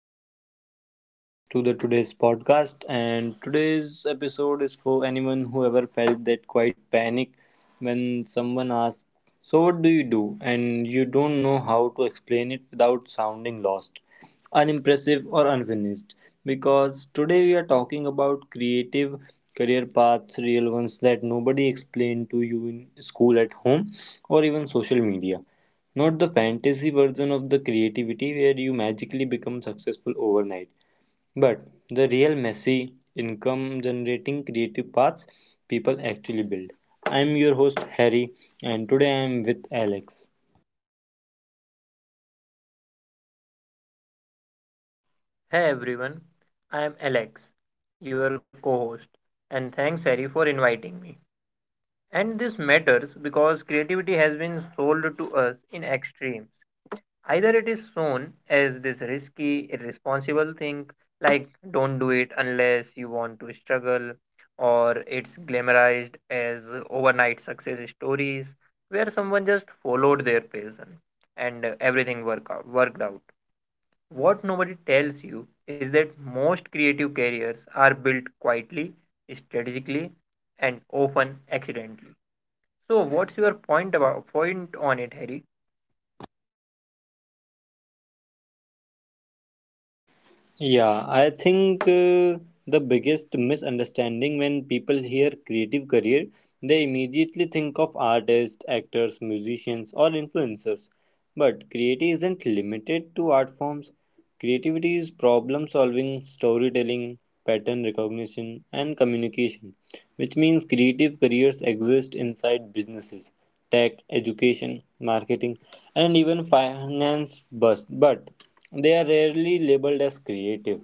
welcome, guys, to the today's podcast, and today's episode is for anyone who ever felt that quite panic when someone asks, so what do you do, and you don't know how to explain it without sounding lost, unimpressive, or unfinished. Because today we are talking about creative career paths, real ones that nobody explained to you in school, at home, or even social media. Not the fantasy version of the creativity where you magically become successful overnight, but the real messy, income generating creative paths people actually build. I'm your host Harry, and today I'm with Alex. Hey everyone, I am Alex, your co host, and thanks Harry for inviting me. And this matters because creativity has been sold to us in extremes. Either it is shown as this risky, irresponsible thing, like don't do it unless you want to struggle, or it's glamorized as overnight success stories where someone just followed their passion and worked out. What nobody tells you is that most creative careers are built quietly, strategically, and often accidentally. So, what's your point about point on it, Harry? Yeah, I think the biggest misunderstanding when people hear creative career, they immediately think of artists, actors, musicians, or influencers. But creativity isn't limited to art forms. Creativity is problem solving, storytelling, pattern recognition, and communication, which means creative careers exist inside businesses, tech, education, marketing, and even finance. But they are rarely labeled as creative.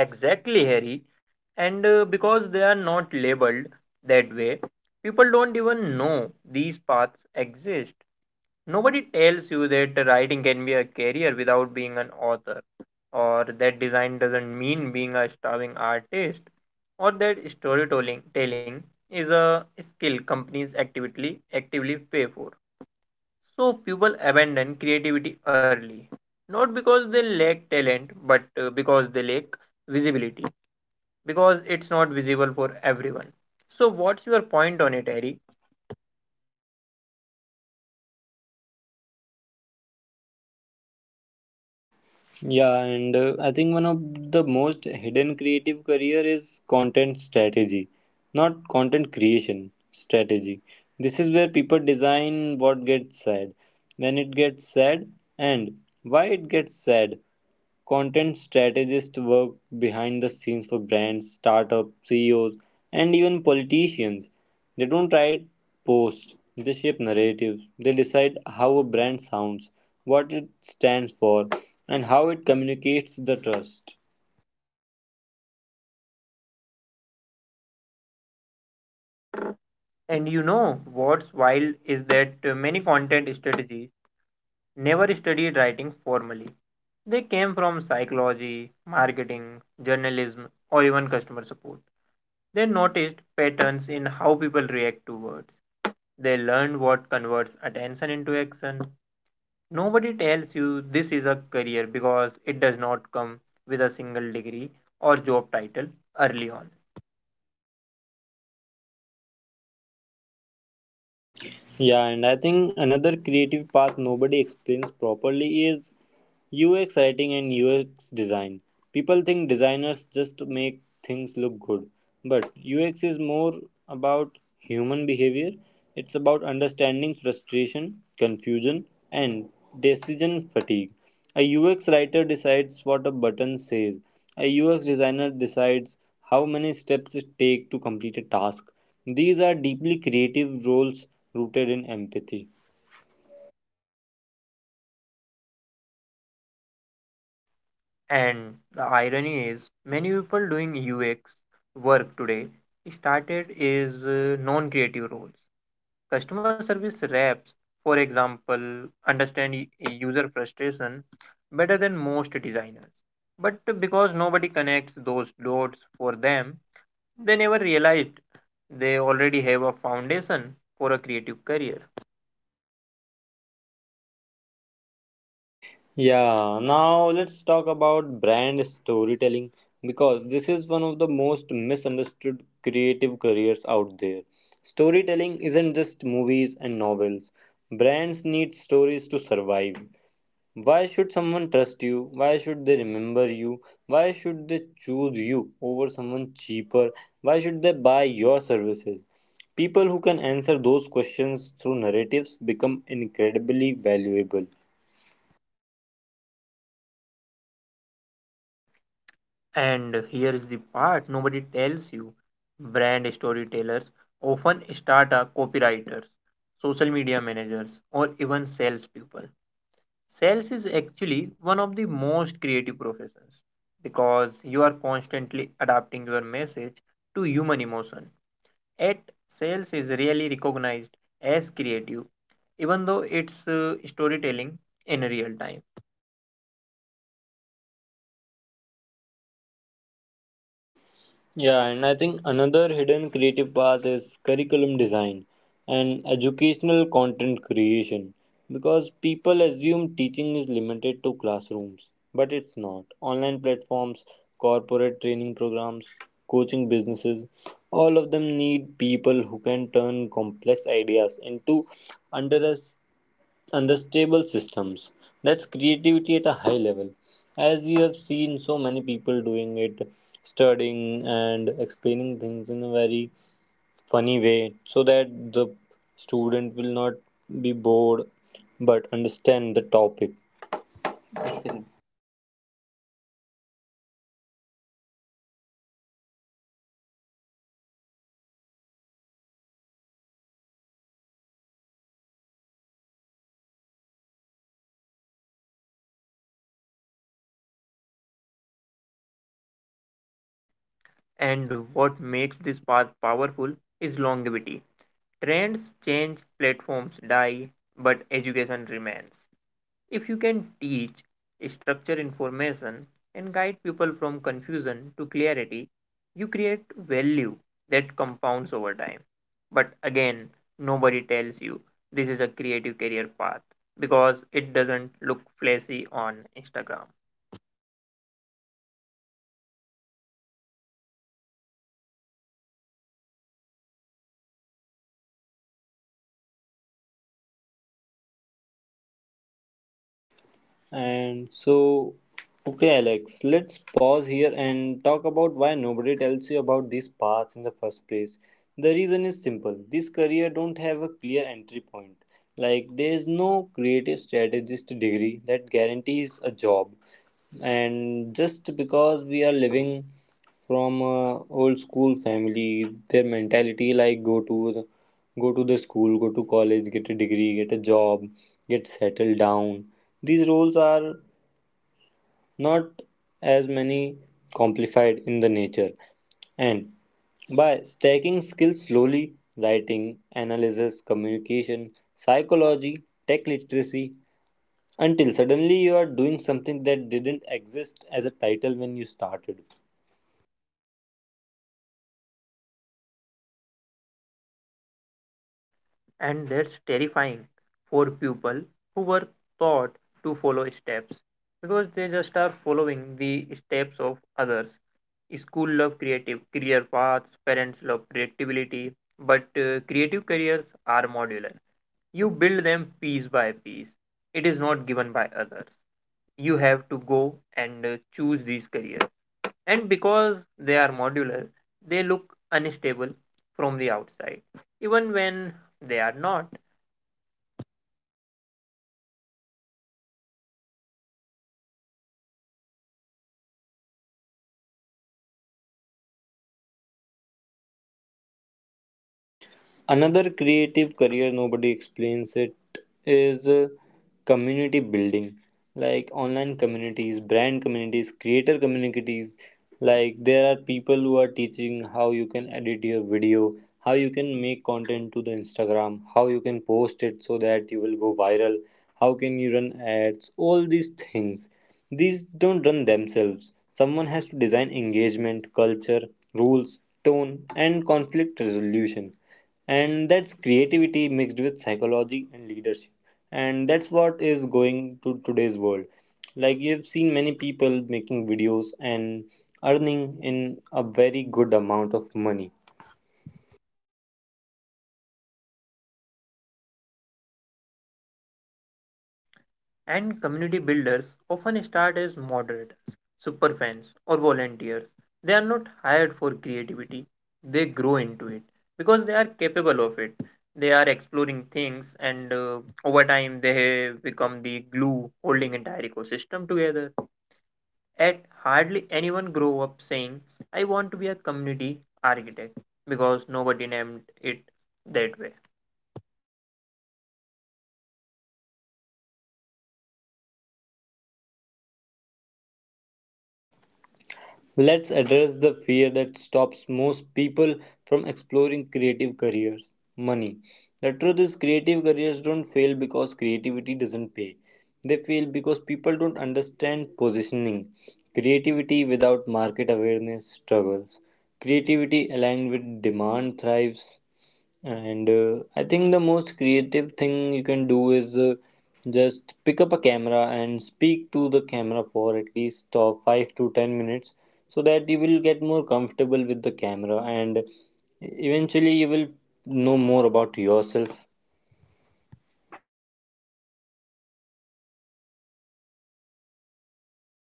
Exactly, Harry. And because they are not labeled that way, people don't even know these paths exist. Nobody tells you that writing can be a career without being an author, or that design doesn't mean being a starving artist, or that storytelling telling is a skill companies actively pay for. So people abandon creativity early, not because they lack talent, but because they lack visibility, because it's not visible for everyone. So what's your point on it, Harry? Yeah, and I think one of the most hidden creative career is content strategy, not content creation strategy. This is where people design what gets said, when it gets said, and why it gets said. Content strategists work behind the scenes for brands, startups, CEOs, and even politicians. They don't write posts, they shape narratives. They decide how a brand sounds, what it stands for, and how it communicates the trust. And you know what's wild is that many content strategies never studied writing formally. They came from psychology, marketing, journalism, or even customer support. They noticed patterns in how people react to words. They learned what converts attention into action. Nobody tells you this is a career because it does not come with a single degree or job title early on. Yeah, and I think another creative path nobody explains properly is UX writing and UX design. People think designers just make things look good, but UX is more about human behavior. It's about understanding frustration, confusion, and decision fatigue. A UX writer decides what a button says. A UX designer decides how many steps it takes to complete a task. These are deeply creative roles rooted in empathy. And the irony is, many people doing UX work today started is non-creative roles. Customer service reps, for example, understand user frustration better than most designers. But because nobody connects those dots for them, they never realized they already have a foundation for a creative career. Yeah, now let's talk about brand storytelling because this is one of the most misunderstood creative careers out there. Storytelling isn't just movies and novels, brands need stories to survive. Why should someone trust you? Why should they remember you? Why should they choose you over someone cheaper? Why should they buy your services? People who can answer those questions through narratives become incredibly valuable. And here is the part nobody tells you brand storytellers often start as copywriters, social media managers, or even salespeople. Sales is actually one of the most creative professions because you are constantly adapting your message to human emotion. Yet, sales is really recognized as creative, even though it's storytelling in real time. Yeah, and I think another hidden creative path is curriculum design and educational content creation, because people assume teaching is limited to classrooms, but it's not. Online platforms, corporate training programs, coaching businesses, all of them need people who can turn complex ideas into under stable systems. That's creativity at a high level. As you have seen so many people doing it, studying and explaining things in a very funny way so that the student will not be bored but understand the topic. And what makes this path powerful is longevity. Trends change, platforms die, but education remains. If you can teach, structure information, and guide people from confusion to clarity, you create value that compounds over time. But again, nobody tells you this is a creative career path because it doesn't look flashy on Instagram. And so, okay, Alex, let's pause here and talk about why nobody tells you about these paths in the first place. The reason is simple, these career don't have a clear entry point. Like, there is no creative strategist degree that guarantees a job, and just because we are living from a old school family, their mentality like go to the school, go to college, get a degree, get a job, get settled down. These roles are not as many complified in the nature, and by stacking skills slowly, writing, analysis, communication, psychology, tech literacy, until suddenly you are doing something that didn't exist as a title when you started. And that's terrifying for people who were taught to follow steps because they just are following the steps of others. School love creative career paths, parents love predictability, but creative careers are modular. You build them piece by piece. It is not given by others. You have to go and choose these careers. And because they are modular, they look unstable from the outside, even when they are not. Another creative career, nobody explains it, is community building, like online communities, brand communities, creator communities. Like, there are people who are teaching how you can edit your video, how you can make content to the Instagram, how you can post it so that you will go viral, how can you run ads, all these things. These don't run themselves. Someone has to design engagement, culture, rules, tone, and conflict resolution, and that's creativity mixed with psychology and leadership, and that's what is going to today's world. Like you've seen many people making videos and earning in a very good amount of money. And community builders often start as moderators, superfans, or volunteers. They are not hired for creativity, they grow into it because they are capable of it. They are exploring things, and over time, they become the glue holding entire ecosystem together. At hardly anyone grow up saying, "I want to be a community architect," because nobody named it that way. Let's address the fear that stops most people from exploring creative careers, money. The truth is, creative careers don't fail because creativity doesn't pay, they fail because people don't understand positioning. Creativity without market awareness struggles. Creativity aligned with demand thrives, and I think the most creative thing you can do is just pick up a camera and speak to the camera for at least 5 to 10 minutes, so that you will get more comfortable with the camera and eventually you will know more about yourself.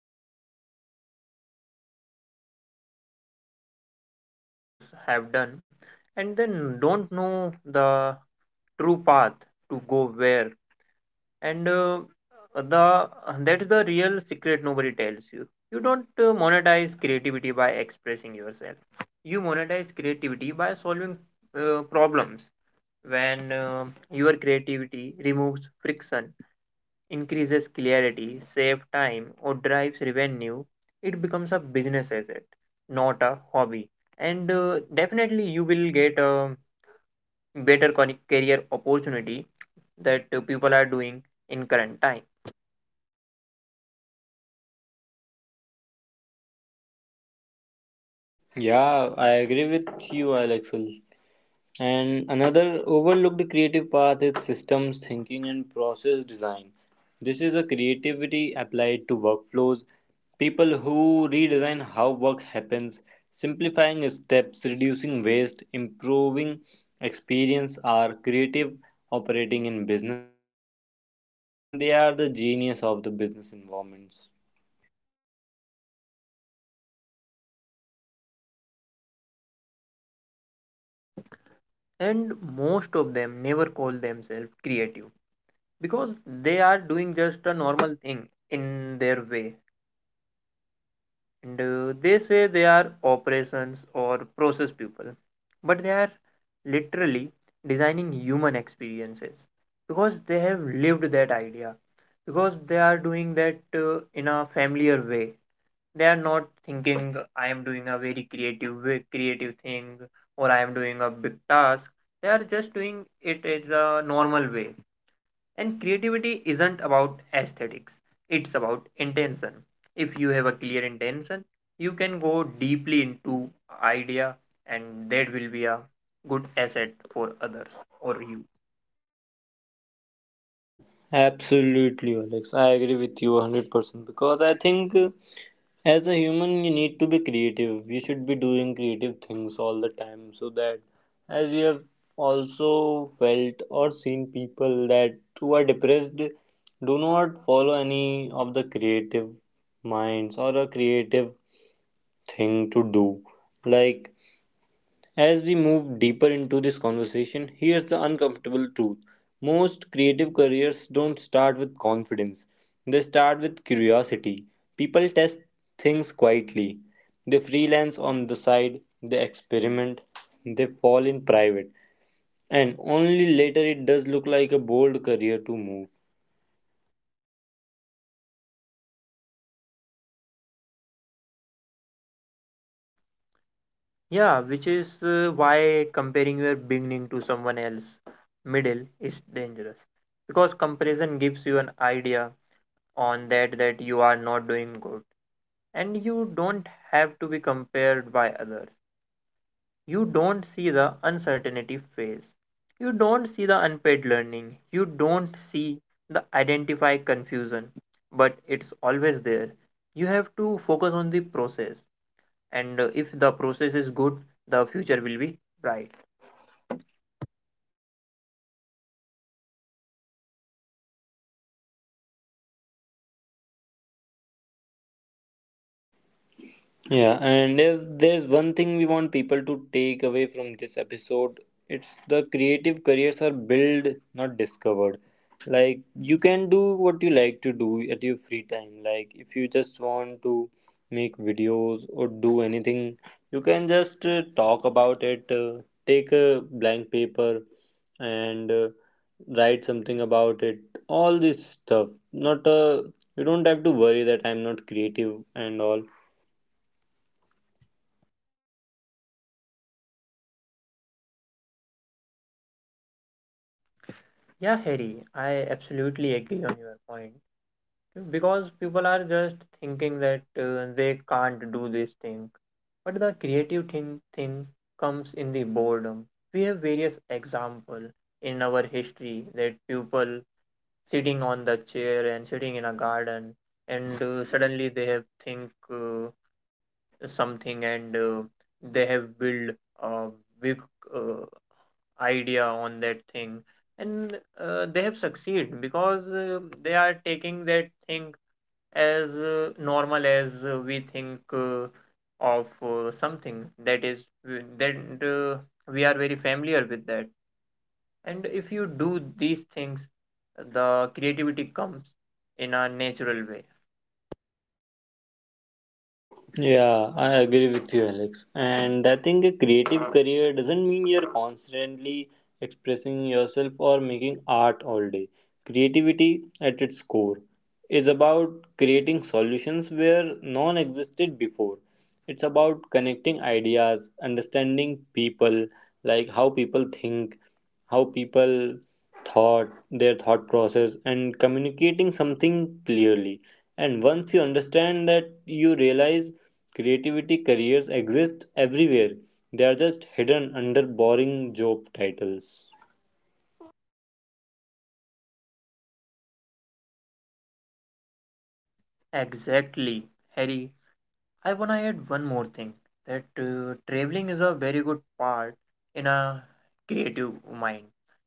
Yeah, that's real, Harry, because people are doing what others have done and then don't know the true path to go where. And the that's the real secret nobody tells you. You don't monetize creativity by expressing yourself. You monetize creativity by solving problems. When your creativity removes friction, increases clarity, saves time, or drives revenue, it becomes a business asset, not a hobby. And definitely, you will get a better career opportunity that people are doing in current time. Yeah, I agree with you, Alexel. And another overlooked creative path is systems thinking and process design. This is a creativity applied to workflows. People who redesign how work happens, simplifying steps, reducing waste, improving experience, are creative operating in business environment, and I think they are the genius of the business environments. And most of them never call themselves creative because they are doing just a normal thing in their way. And they say they are operations or process people, but they are literally designing human experiences because they have lived that idea, because they are doing that in a familiar way. They are not thinking I am doing a very creative way, creative thing, or I am doing a big task. They are just doing it as a normal way. And creativity isn't about aesthetics, it's about intention. If you have a clear intention, you can go deeply into idea and that will be a good asset for others or you. Absolutely, Alex. I agree with you 100% because I think as a human, you need to be creative. You should be doing creative things all the time, so that, as you have also felt or seen people that who are depressed, do not follow any of the creative minds or a creative thing to do. Like, as we move deeper into this conversation, here's the uncomfortable truth. Most creative careers don't start with confidence, they start with curiosity. People test things quietly, they freelance on the side, they experiment, they fall in private, and only later it does look like a bold career to move. Yeah, which is why comparing your beginning to someone else middle is dangerous because comparison gives you an idea on that you are not doing good, and you don't have to be compared by others. You don't see the uncertainty phase, you don't see the unpaid learning, you don't see the identify confusion, but it's always there. You have to focus on the process, and if the process is good, the future will be bright. Yeah, and if there's one thing we want people to take away from this episode, it's the creative careers are built, not discovered. Like, you can do what you like to do at your free time. Like, if you just want to make videos or do anything, you can just talk about it. Take a blank paper and write something about it. All this stuff. Not You don't have to worry that I'm not creative and all. Yeah Harry, I absolutely agree on your point, because people are just thinking that they can't do this thing, but the creative thing comes in the boredom. We have various example in our history that people sitting on the chair and sitting in a garden, and suddenly they have think something, and they have built a big uh, idea on that thing, and they have succeed because they are taking that thing as normal as we think of something that is that uh, we are very familiar with that. And if you do these things, the creativity comes in a natural way. Yeah, I agree with you, Alex. And I think a creative career doesn't mean you're constantly expressing yourself or making art all day. Creativity, at its core, is about creating solutions where none existed before. It's about connecting ideas, understanding people, like how people think, how people thought their thought process, and communicating something clearly. And once you understand that, you realize creativity careers exist everywhere, they are just hidden under boring job titles. Exactly Harry, I wanna add one more thing that traveling is a very good part in a creative mind,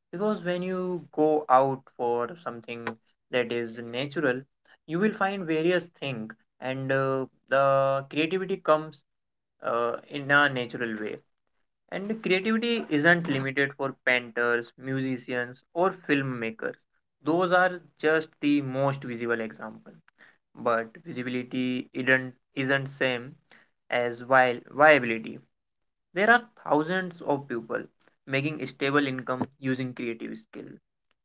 because when you go out for something that is natural, you will find various things, and the creativity comes in a natural way. And creativity isn't limited for painters, musicians, or filmmakers. Those are just the most visible example, but visibility isn't same as viability. There are thousands of people making stable income using creative skill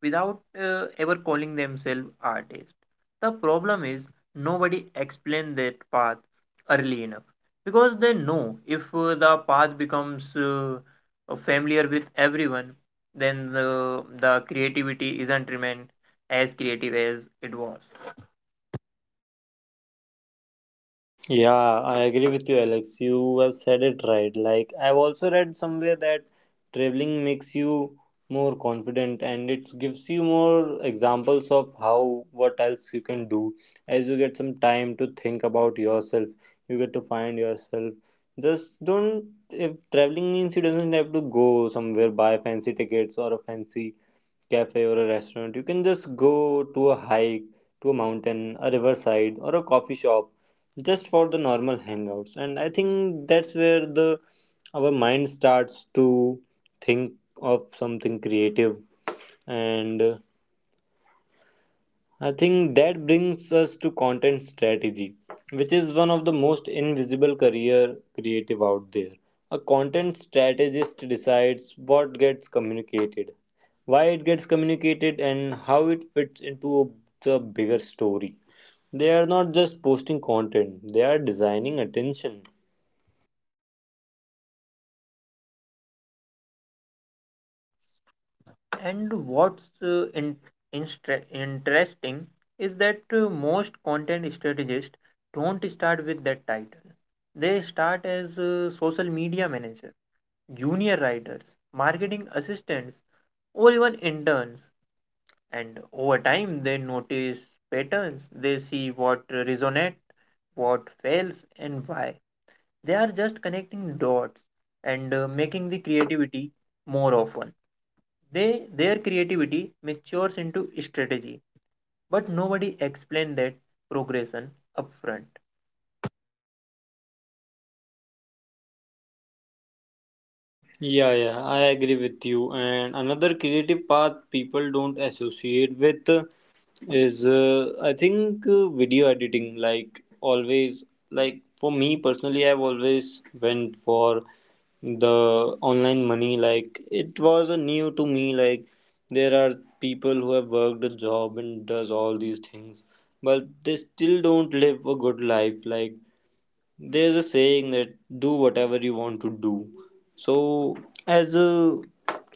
without ever calling themselves artists. The problem is nobody explain that path early enough, because they know if the path becomes familiar with everyone, then the creativity isn't remain as creative as it was. Yeah, I agree with you, Alex. You have said it right. Like, I've also read somewhere that traveling makes you more confident, and it gives you more examples of how what else you can do as you get some time to think about yourself. You get to find yourself. Just don't, if traveling means you doesn't have to go somewhere buy fancy tickets or a fancy cafe or a restaurant. You can just go to a hike, to a mountain, a riverside, or a coffee shop just for the normal hangouts. And I think that's where the our mind starts to think of something creative. And I think that brings us to content strategy, which is one of the most invisible career creative out there. A content strategist decides what gets communicated, why it gets communicated, and how it fits into the bigger story. They are not just posting content, they are designing attention. And what's uh, in, interesting is that most content strategists don't start with that title. They start as social media manager, junior writers, marketing assistants, or even interns. And over time, they notice patterns. They see what resonates, what fails, and why. They are just connecting dots and making the creativity more often. They Their creativity matures into strategy, but nobody explained that progression upfront. Yeah, yeah, I agree with you. And another creative path people don't associate with is, I think, video editing. Like, always, like, for me personally, I've always went for the online money. Like, it was a new to me. Like, there are people who have worked a job and does all these things, but they still don't live a good life. Like, there's a saying that do whatever you want to do. So, as a,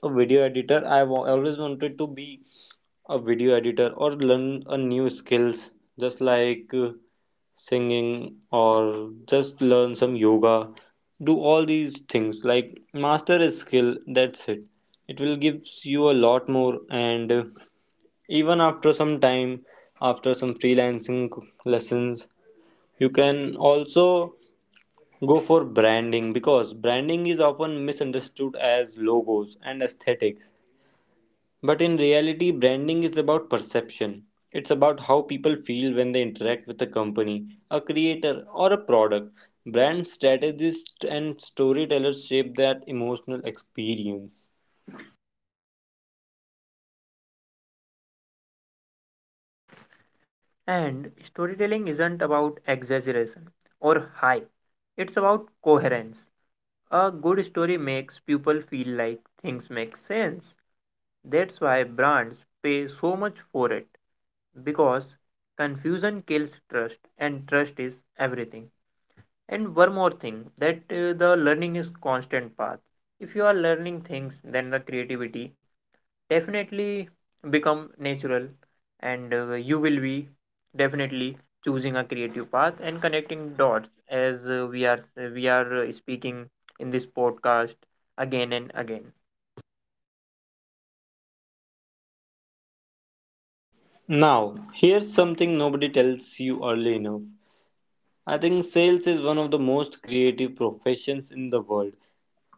a video editor, I always wanted to be a video editor or learn a new skills, just like singing or just learn some yoga, do all these things, like master a skill, that's it. It will gives you a lot more, and even after some time, after some freelancing lessons, you can also go for branding, because branding is often misunderstood as logos and aesthetics. But in reality, branding is about perception. It's about how people feel when they interact with a company, a creator, or a product. Brand strategists and storytellers shape that emotional experience. And storytelling isn't about exaggeration or hype. It's about coherence. A good story makes people feel like things make sense. That's why brands pay so much for it, because confusion kills trust and trust is everything. And one more thing that the learning is constant path. If you are learning things, then the creativity definitely become natural, and you will be definitely choosing a creative path and connecting dots as we are speaking in this podcast again and again. Now, here's something nobody tells you early enough. I think sales is one of the most creative professions in the world.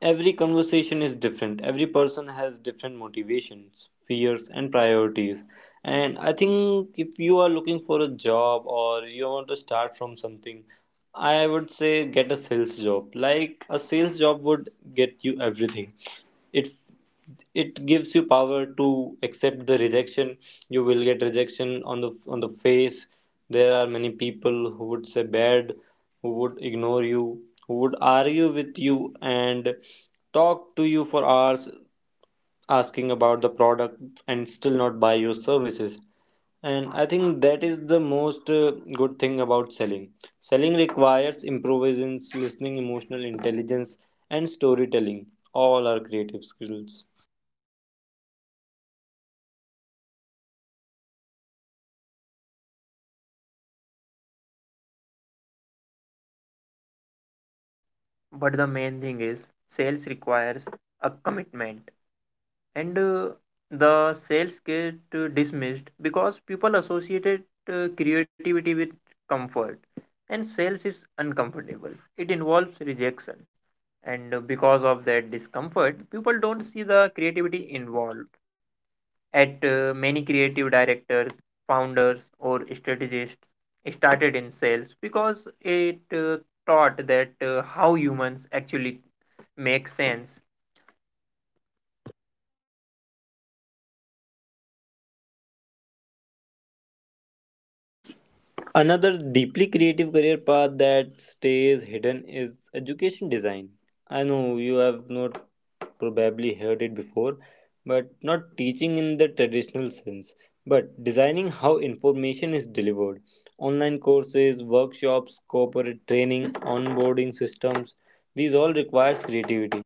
Every conversation is different. Every person has different motivations, fears, and priorities. And I think if you are looking for a job or you want to start from something, I would say get a sales job. Like a sales job would get you everything. It it gives you power to accept the rejection. You will get rejection on the face. There are many people who would say bad, who would ignore you, who would argue with you, and talk to you for hours asking about the product and still not buy your services. And I think that is the most good thing about selling. Selling requires improvisations, listening, emotional intelligence, and storytelling, all are creative skills. But the main thing is sales requires a commitment. And the sales get dismissed because people associated creativity with comfort, and sales is uncomfortable, it involves rejection. And because of that discomfort people don't see the creativity involved. At many creative directors, founders or strategists started in sales because it taught that how humans actually make sense. Another deeply creative career path that stays hidden is education design. I know you have not probably heard it before, but not teaching in the traditional sense, but designing how information is delivered. Online courses, workshops, corporate training, onboarding systems, these all requires creativity.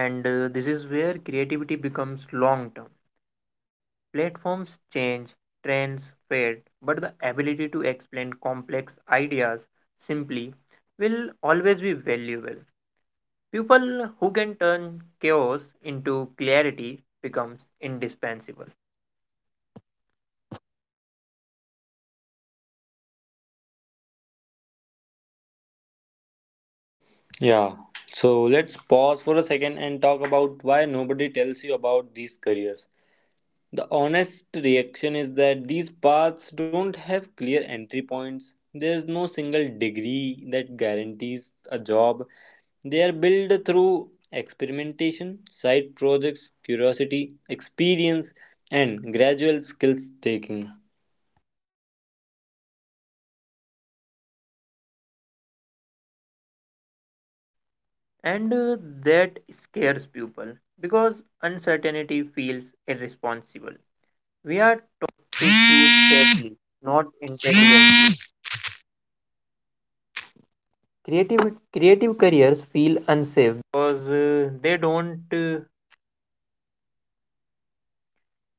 And this is where creativity becomes long term. Platforms change, trends fade, but the ability to explain complex ideas simply will always be valuable. People who can turn chaos into clarity becomes indispensable. Yeah. So let's pause for a second and talk about why nobody tells you about these careers. The honest reaction is that these paths don't have clear entry points. There is no single degree that guarantees a job. They are built through experimentation, side projects, curiosity, experience, and gradual skills taking. And that scares people because uncertainty feels irresponsible.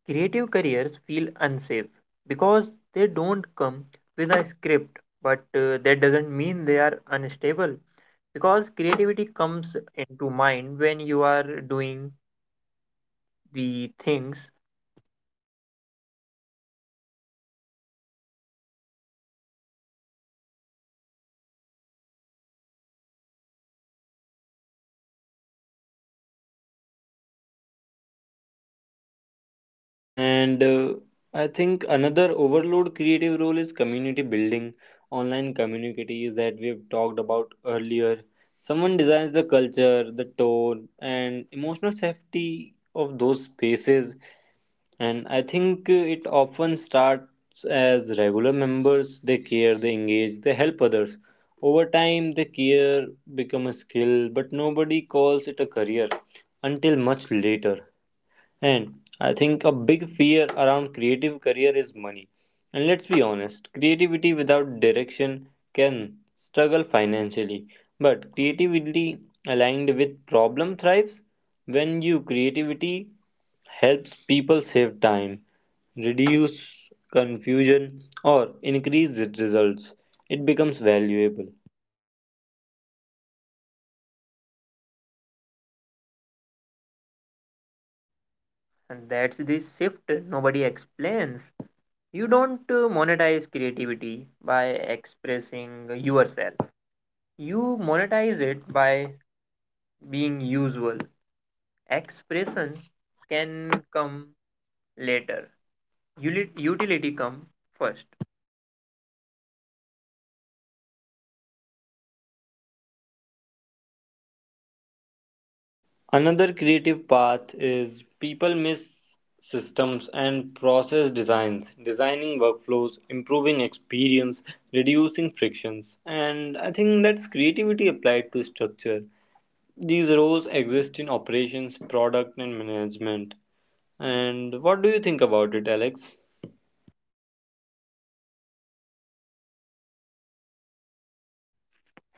Creative careers feel unsafe because they don't come with a script, but that doesn't mean they are unstable, because creativity comes into mind when you are doing the things. And I think another overload creative role is community building, online communities that we've talked about earlier. Someone designs the culture, the tone, and emotional safety of those spaces. And I think it often starts as regular members. They care, they engage, they help others. Over time, the care become a skill, but nobody calls it a career until much later. And I think a big fear around creative career is money. And let's be honest, creativity without direction can struggle financially. But creativity aligned with problem thrives when you creativity helps people save time, reduce confusion, or increase its results. It becomes valuable. And that's the shift nobody explains. You don't monetize creativity by expressing yourself, you monetize it by being usual. Expressions can come later. Utility come first. Another creative path is people miss systems and process designs, designing workflows, improving experience, reducing frictions, and I think that's creativity applied to structure. These roles exist in operations, product, and management. And what do you think about it, Alex?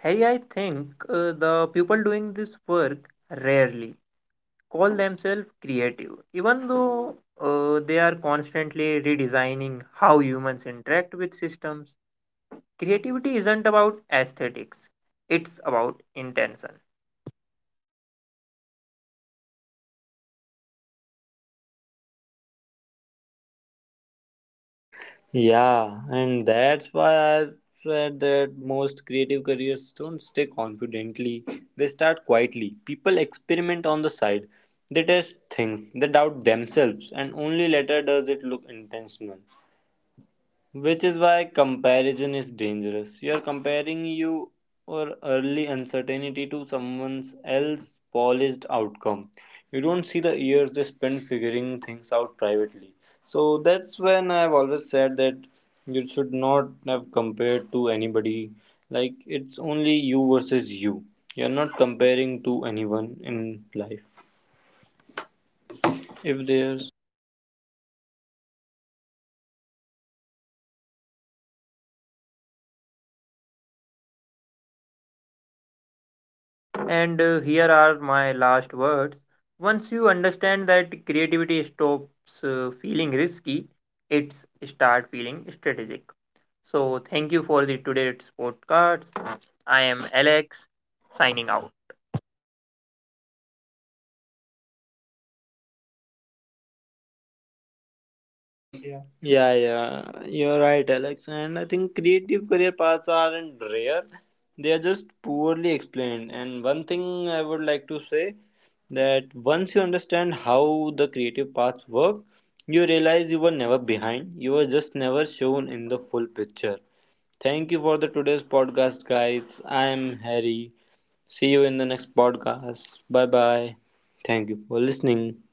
Hey, I think the people doing this work rarely call themselves creative, even though they are constantly redesigning how humans interact with systems. Creativity isn't about aesthetics, it's about intention. Yeah, and that's why I said that most creative careers don't stay confidently. They start quietly. People experiment on the side. They test things. They doubt themselves, and only later does it look intentional. Which is why comparison is dangerous. You are comparing you or early uncertainty to someone else's polished outcome. You don't see the years they spend figuring things out privately. So that's when I've always said that you should not have compared to anybody. Like, it's only you versus you. You're not comparing to anyone in life. If there's And here are my last words. Once you understand that, creativity stops feeling risky, it's start feeling strategic. So thank you for the today's podcast. I am Alex, signing out. Yeah, yeah, you're right, Alex. And I think creative career paths aren't rare, they are just poorly explained. And one thing I would like to say that once you understand how the creative paths work, you realize you were never behind, you were just never shown in the full picture. Thank you for the today's podcast, guys. I am Harry. See you in the next podcast. Bye bye. Thank you for listening.